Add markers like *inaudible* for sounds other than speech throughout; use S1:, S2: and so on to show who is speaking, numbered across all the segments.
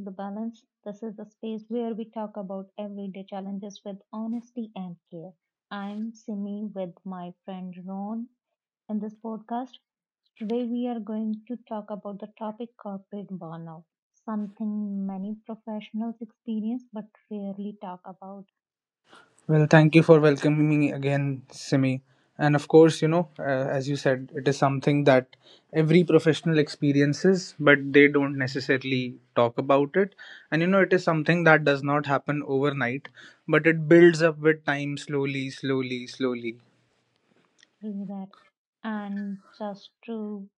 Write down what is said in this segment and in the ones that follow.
S1: The Balance. This is the space where we talk about everyday challenges with honesty and care. I'm Simi with my friend Ron in this podcast. Today we are going to talk about the topic corporate burnout, something many professionals experience but rarely talk about
S2: Well, thank you for welcoming me again, Simi. And of course, as you said, it is something that every professional experiences, but they don't necessarily talk about it. And it is something that does not happen overnight, but it builds up with time slowly, slowly, slowly.
S1: through that. And just to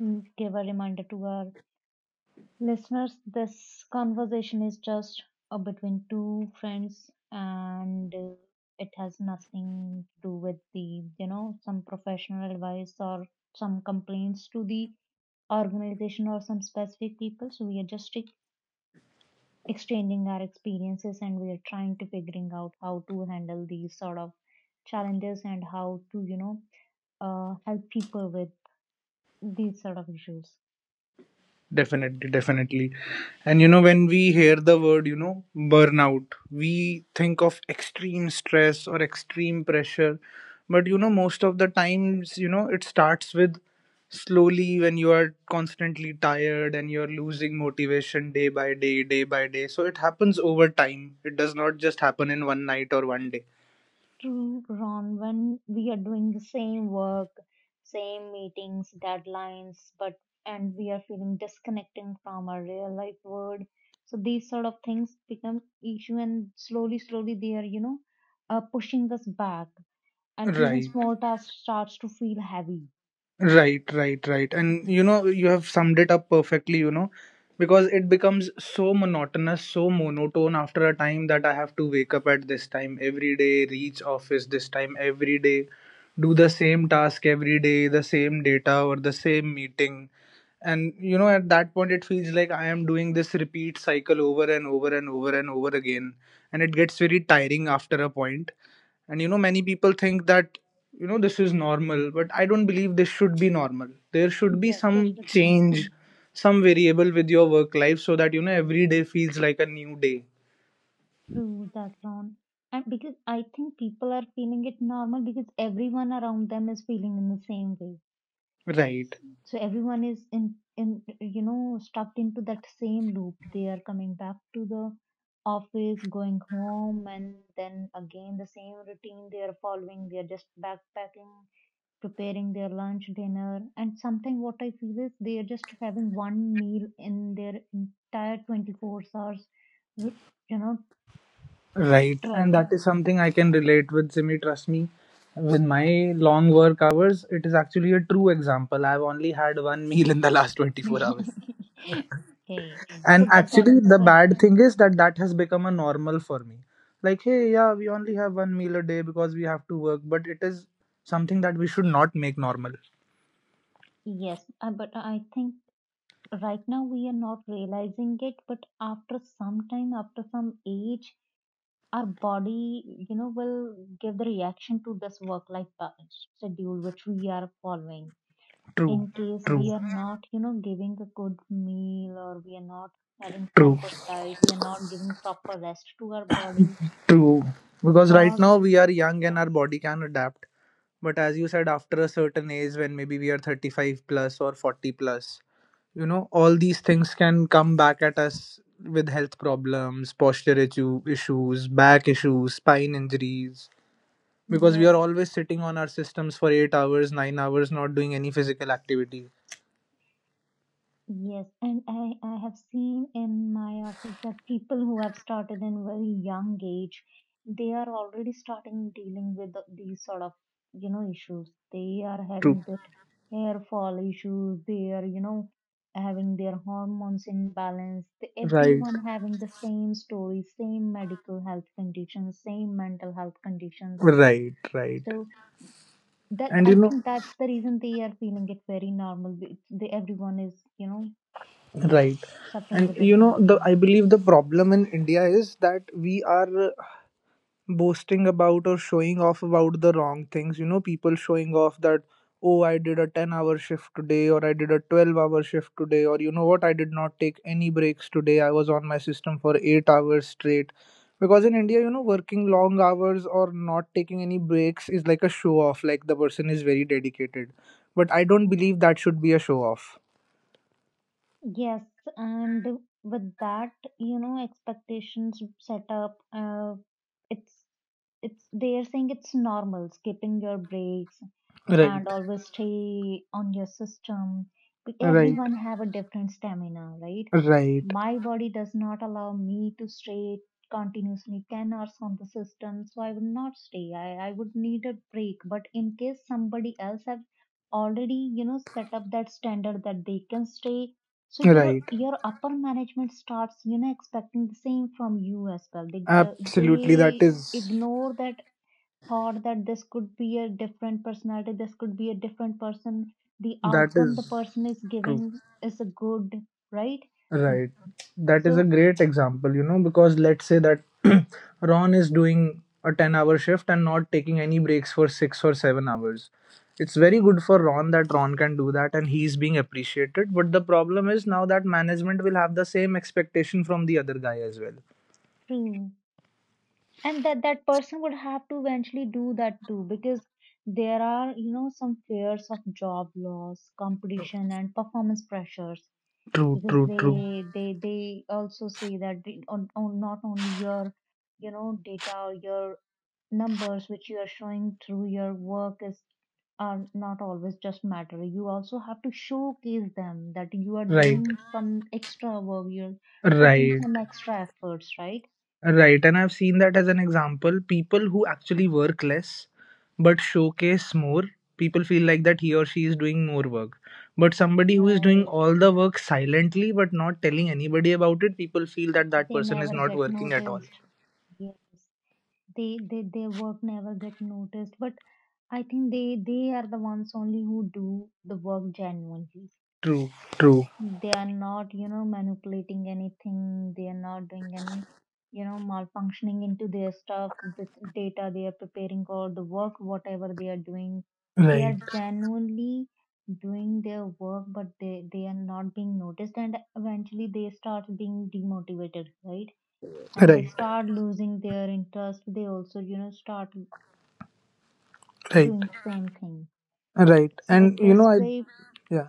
S1: give a reminder to our Listeners, this conversation is just between two friends and it has nothing to do with some professional advice or some complaints to the organization or some specific people. So we are just exchanging our experiences and we are trying to figuring out how to handle these sort of challenges and how to, you know, help people with these sort of issues.
S2: Definitely, definitely. And when we hear the word, burnout, we think of extreme stress or extreme pressure. But most of the times, it starts with slowly when you are constantly tired and you're losing motivation day by day, day by day. So it happens over time. It does not just happen in one night or one day.
S1: True, Ron, when we are doing the same work, same meetings, deadlines, but and we are feeling disconnecting from our real life world. So these sort of things become issue and slowly, slowly they are, you know, pushing us back. And even
S2: Right.
S1: small tasks starts to feel heavy.
S2: Right, right, right. And you have summed it up perfectly, because it becomes so monotonous, so monotone after a time that I have to wake up at this time every day, reach office this time every day, do the same task every day, the same data or the same meeting. And at that point, it feels like I am doing this repeat cycle over and over and over and over again. And it gets very tiring after a point, and many people think that this is normal, but I don't believe this should be normal. There should be
S1: Yes, there
S2: some
S1: should not
S2: change,
S1: be.
S2: some variable with your work life so that every day feels like a new day.
S1: True, Zafran. And because I think people are feeling it normal because everyone around them is feeling in the same way.
S2: Right,
S1: So everyone is in you know stuck into that same loop. They are coming back to the office, going home, and then again the same routine they are following. They are just backpacking, preparing their lunch, dinner, and something what I feel is they are just having one meal in their entire 24 hours, you know,
S2: right. And
S1: travel
S2: that is something I can relate with, Simi. Trust me, with my long work hours, it is actually a true example. I've only had one meal in the last 24 hours.
S1: *laughs* Okay, so
S2: And
S1: that
S2: actually,
S1: that's
S2: the bad thing is that that has become a normal for me. Like, hey, yeah, we only have one meal a day because we have to work, but it is something that we should not make normal.
S1: yes, but I think right now we are not realizing it, but after some time, after some age, our body, you know, will give the reaction to this work-life balance schedule which we are following.
S2: True,
S1: In case
S2: true,
S1: we are not, you know, giving a good meal or we are not having
S2: true,
S1: proper diet, we are not giving proper rest to our body
S2: true. Because right
S1: for
S2: now we are young and our
S1: yes,
S2: body can adapt. But as you said, after a certain age, when maybe we are 35 plus or 40 plus, all these things can come back at us with health problems, posture issues, back issues, spine injuries, because we
S1: yes.
S2: are always sitting on our systems for 8 hours, 9 hours, not doing any physical activity.
S1: Yes, and I have seen in my office that people who have started in very young age, they are already starting dealing with these sort of, you know, issues. They are
S2: True.
S1: having that hair fall issues. They are, you know, having their hormones imbalance. They,
S2: Right,
S1: everyone having the same story, same medical health conditions, same mental health conditions.
S2: right, right.
S1: So that
S2: And
S1: I think that's the reason they are feeling it very normal. It's- They, everyone is, you know
S2: right.
S1: suffering
S2: And
S1: with the
S2: you
S1: same
S2: know the I
S1: sin.
S2: believe the problem in India is that we are boasting about or showing off about the wrong things. People showing off that, oh, I did a 10-hour shift today, or I did a 12-hour shift today, or you know what, I did not take any breaks today, I was on my system for 8 hours straight. Because in India, working long hours or not taking any breaks is like a show off, like the person is very dedicated, but I don't believe that should be a show off.
S1: Yes, and with that, you know, expectations set up. It's it's they are saying it's normal skipping your breaks,
S2: Right,
S1: and always stay on your system. But
S2: right,
S1: Everyone have a different stamina, right?
S2: right,
S1: My body does not allow me to stay continuously 10 hours on the system, so I would not stay. I would need a break. But in case somebody else have already, you know, set up that standard that they can stay, so your
S2: right.
S1: your upper management starts, you know, expecting the same from you as well. They
S2: Absolutely. that
S1: they
S2: is
S1: ignore that thought that this could be a different personality, this could be a different person. The
S2: that
S1: outcome the
S2: is
S1: person is
S2: true.
S1: giving is a good, right? But-
S2: Right. That is a
S1: So
S2: great example, because let's say that *clears throat* Ron is doing a 10-hour shift and not taking any breaks for 6 or 7 hours. It's very good for Ron that Ron can do that, and he's being appreciated. But the problem is now that management will have the same expectation from the other guy as well.
S1: true. And that person would have to eventually do that too, because there are, you know, some fears of job loss, competition, and performance pressures.
S2: True,
S1: Because
S2: true, true.
S1: they also say that the- on not only your you know data or your numbers which you are showing through your work is are not always just matter you also have to showcase them that you are
S2: Right.
S1: doing some extra work you're putting
S2: Right.
S1: some extra efforts right
S2: Right, and i've seen that as an example. People who actually work less but showcase more, people feel like that he or she is doing more work. But somebody who is doing
S1: right
S2: all the work silently but not telling anybody about it, people feel that that
S1: they
S2: person is
S1: never
S2: not
S1: get
S2: working at all.
S1: noticed yes they their work never get noticed but I think they are the ones only who do the work genuinely.
S2: True, true.
S1: They are not, you know, manipulating anything. They are not doing any, you know, malfunctioning into their stuff, the data they are preparing or the work, whatever they are doing. They
S2: Right,
S1: are genuinely doing their work, but they are not being noticed. And eventually they start being demotivated, right? And they
S2: right,
S1: start losing their interest. They also, you know, start
S2: right,
S1: doing same thing.
S2: right.
S1: So
S2: And
S1: with
S2: you
S1: this
S2: know, I,
S1: way,
S2: yeah,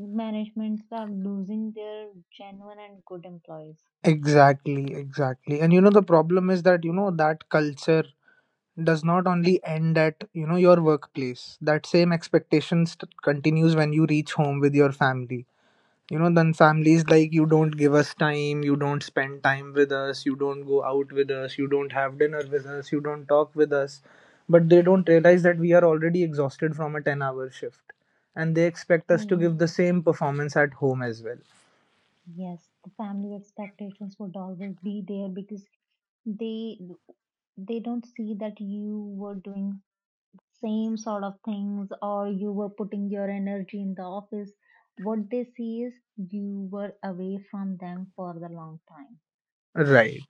S1: managements are losing their genuine and good employees.
S2: exactly, exactly. And the problem is that, that culture does not only end at your workplace. That same expectation continues when you reach home with your family. Then families like, you don't give us time, you don't spend time with us, you don't go out with us, you don't have dinner with us, you don't talk with us, but they don't realize that we are already exhausted from a 10-hour shift, and they expect us to
S1: Hmm.
S2: give the same performance at home as well.
S1: Yes, the family expectations would always be there because they they don't see that you were doing same sort of things or you were putting your energy in the office. What they see is you were away from them for the long time,
S2: Right,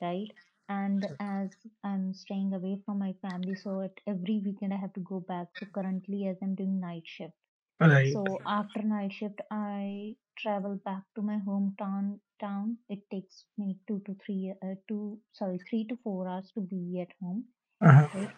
S1: right? And as I'm staying away from my family, so at every weekend I have to go back. So currently, as I'm doing night shift.
S2: right,
S1: So after night shift, I travel back to my hometown. Town. It takes me two to three, two sorry, 3 to 4 hours to be at home,
S2: uh-huh.
S1: right?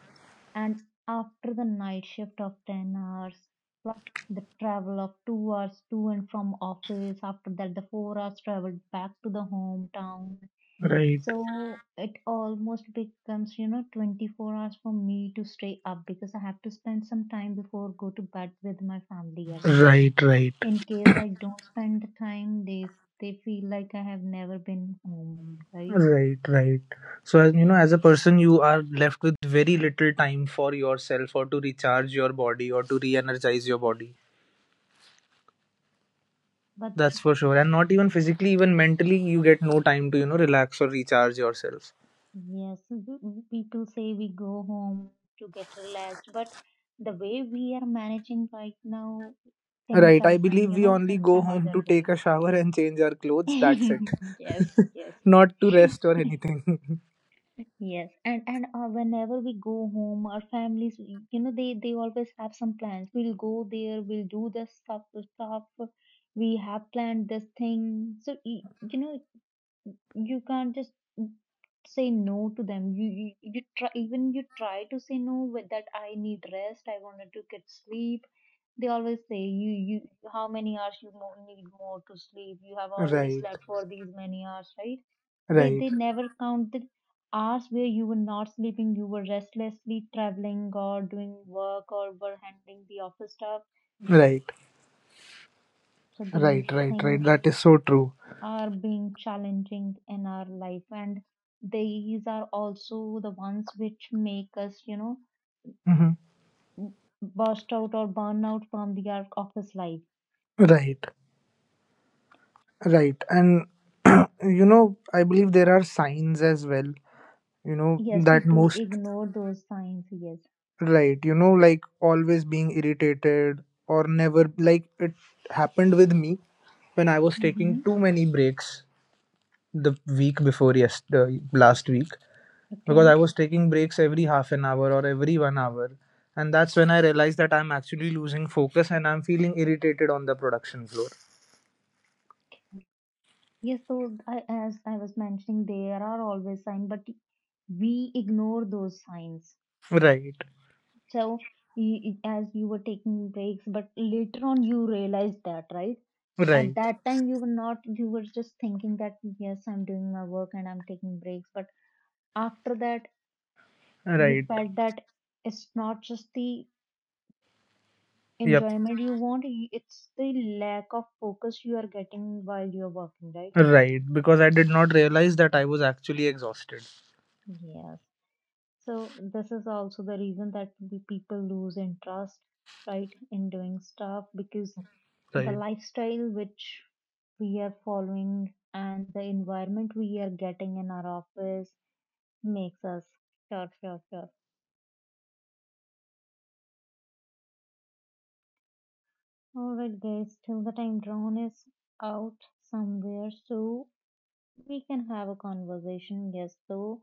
S1: And after the night shift of 10 hours plus the travel of 2 hours to and from office. After that, the 4 hours traveled back to the hometown.
S2: Right,
S1: So it almost becomes, you know, 24 hours for me to stay up because I have to spend some time before go to bed with my family as well
S2: right, right.
S1: in case I don't spend the time, they they feel like I have never been home, right?
S2: Right, right. So, as you know, as a person, you are left with very little time for yourself, or to recharge your body, or to re energize your body.
S1: But
S2: That's for sure. And not even physically, even mentally, you get no time to, relax or recharge yourself.
S1: yes, people say we go home to get relaxed, but the way we are managing right now, things
S2: Right.
S1: are
S2: I
S1: going,
S2: believe
S1: you
S2: we
S1: know,
S2: only
S1: in
S2: go
S1: some
S2: home
S1: other
S2: to
S1: way.
S2: take a shower and change our clothes. That's it.
S1: *laughs* yes, yes.
S2: *laughs* Not to rest or
S1: *laughs*
S2: anything. *laughs*
S1: Yes, and whenever we go home, our families, you know, they always have some plans. We'll go there. We'll do this stuff. This stuff. We have planned this thing. So you know, you can't just say no to them. You try even you try to say no with that. I need rest. I wanted to get sleep they always say, how many hours you need more to sleep? You have already
S2: Right,
S1: slept for these many hours, right? They,
S2: right,
S1: they never count the hours where you were not sleeping, you were restlessly traveling or doing work or were handling the office stuff.
S2: right,
S1: So these
S2: right, right, right.
S1: things
S2: That is so true.
S1: are being challenging in our life and these are also the ones which make us, you know,
S2: Hmm.
S1: burst out or burn out from the our office life.
S2: Right. Right. And *clears throat* i believe there are signs as well,
S1: Yes,
S2: that
S1: people
S2: most,
S1: ignore those signs. Yes.
S2: right, like always being irritated or never, like it happened with me when i was taking
S1: Mm-hmm.
S2: too many breaks the week before yesterday, last week, because
S1: Okay.
S2: i was taking breaks every half an hour or every one hour. And that's when i realized that i'm actually losing focus and i'm feeling irritated on the production floor.
S1: Yes, so I, as I was mentioning, there are always signs, but we ignore those signs.
S2: Right,
S1: So, as you were taking breaks, but later on you realized that, right? At
S2: right,
S1: that time, you were not, you were just thinking that, yes, I'm doing my work and I'm taking breaks. But after that, you
S2: right.
S1: felt that it's not just the
S2: Yep.
S1: enjoyment you want, it's the lack of focus you are getting while you're working, right?
S2: Right, because i did not realize that i was actually exhausted.
S1: Yes. So this is also the reason that we people lose interest, right, in doing stuff because the
S2: Right.
S1: lifestyle which we are following and the environment we are getting in our office makes us sure, sure, sure. Alright guys, till the time Ron is out somewhere so we can have a conversation. Yes, though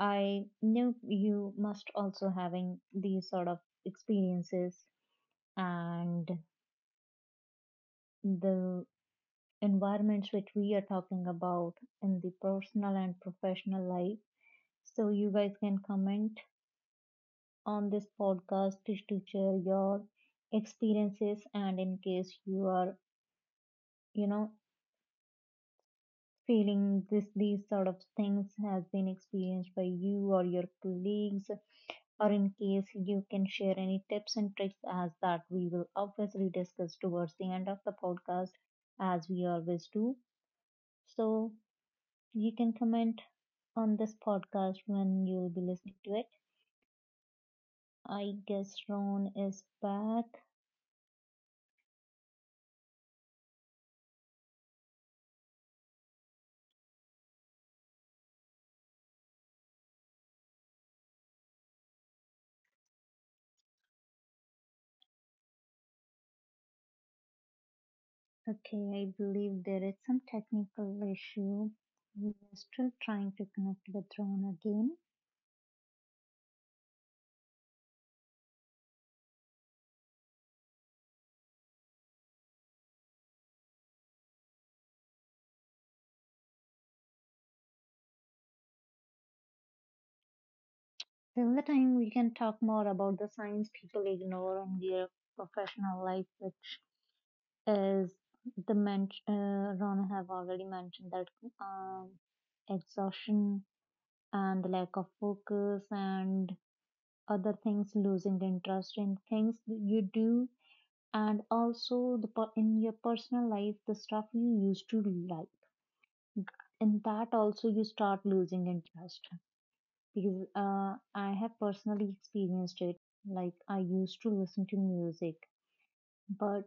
S1: I know you must also having these sort of experiences and the environments which we are talking about in the personal and professional life. So you guys can comment on this podcast just to share your experiences and in case you are, you know, feeling this these sort of things has been experienced by you or your colleagues or in case you can share any tips and tricks as that we will obviously discuss towards the end of the podcast as we always do. So You can comment on this podcast when you'll be listening to it. I guess Ron is back. Okay, I believe there is some technical issue. We are still trying to connect with Ron again. Till the time we can talk more about the signs people ignore in their professional life, which is the Ron have already mentioned that um, exhaustion and lack of focus and other things losing the interest in things that you do and also the in your personal life the stuff you used to like in that also you start losing interest because I have personally experienced it like I used to listen to music but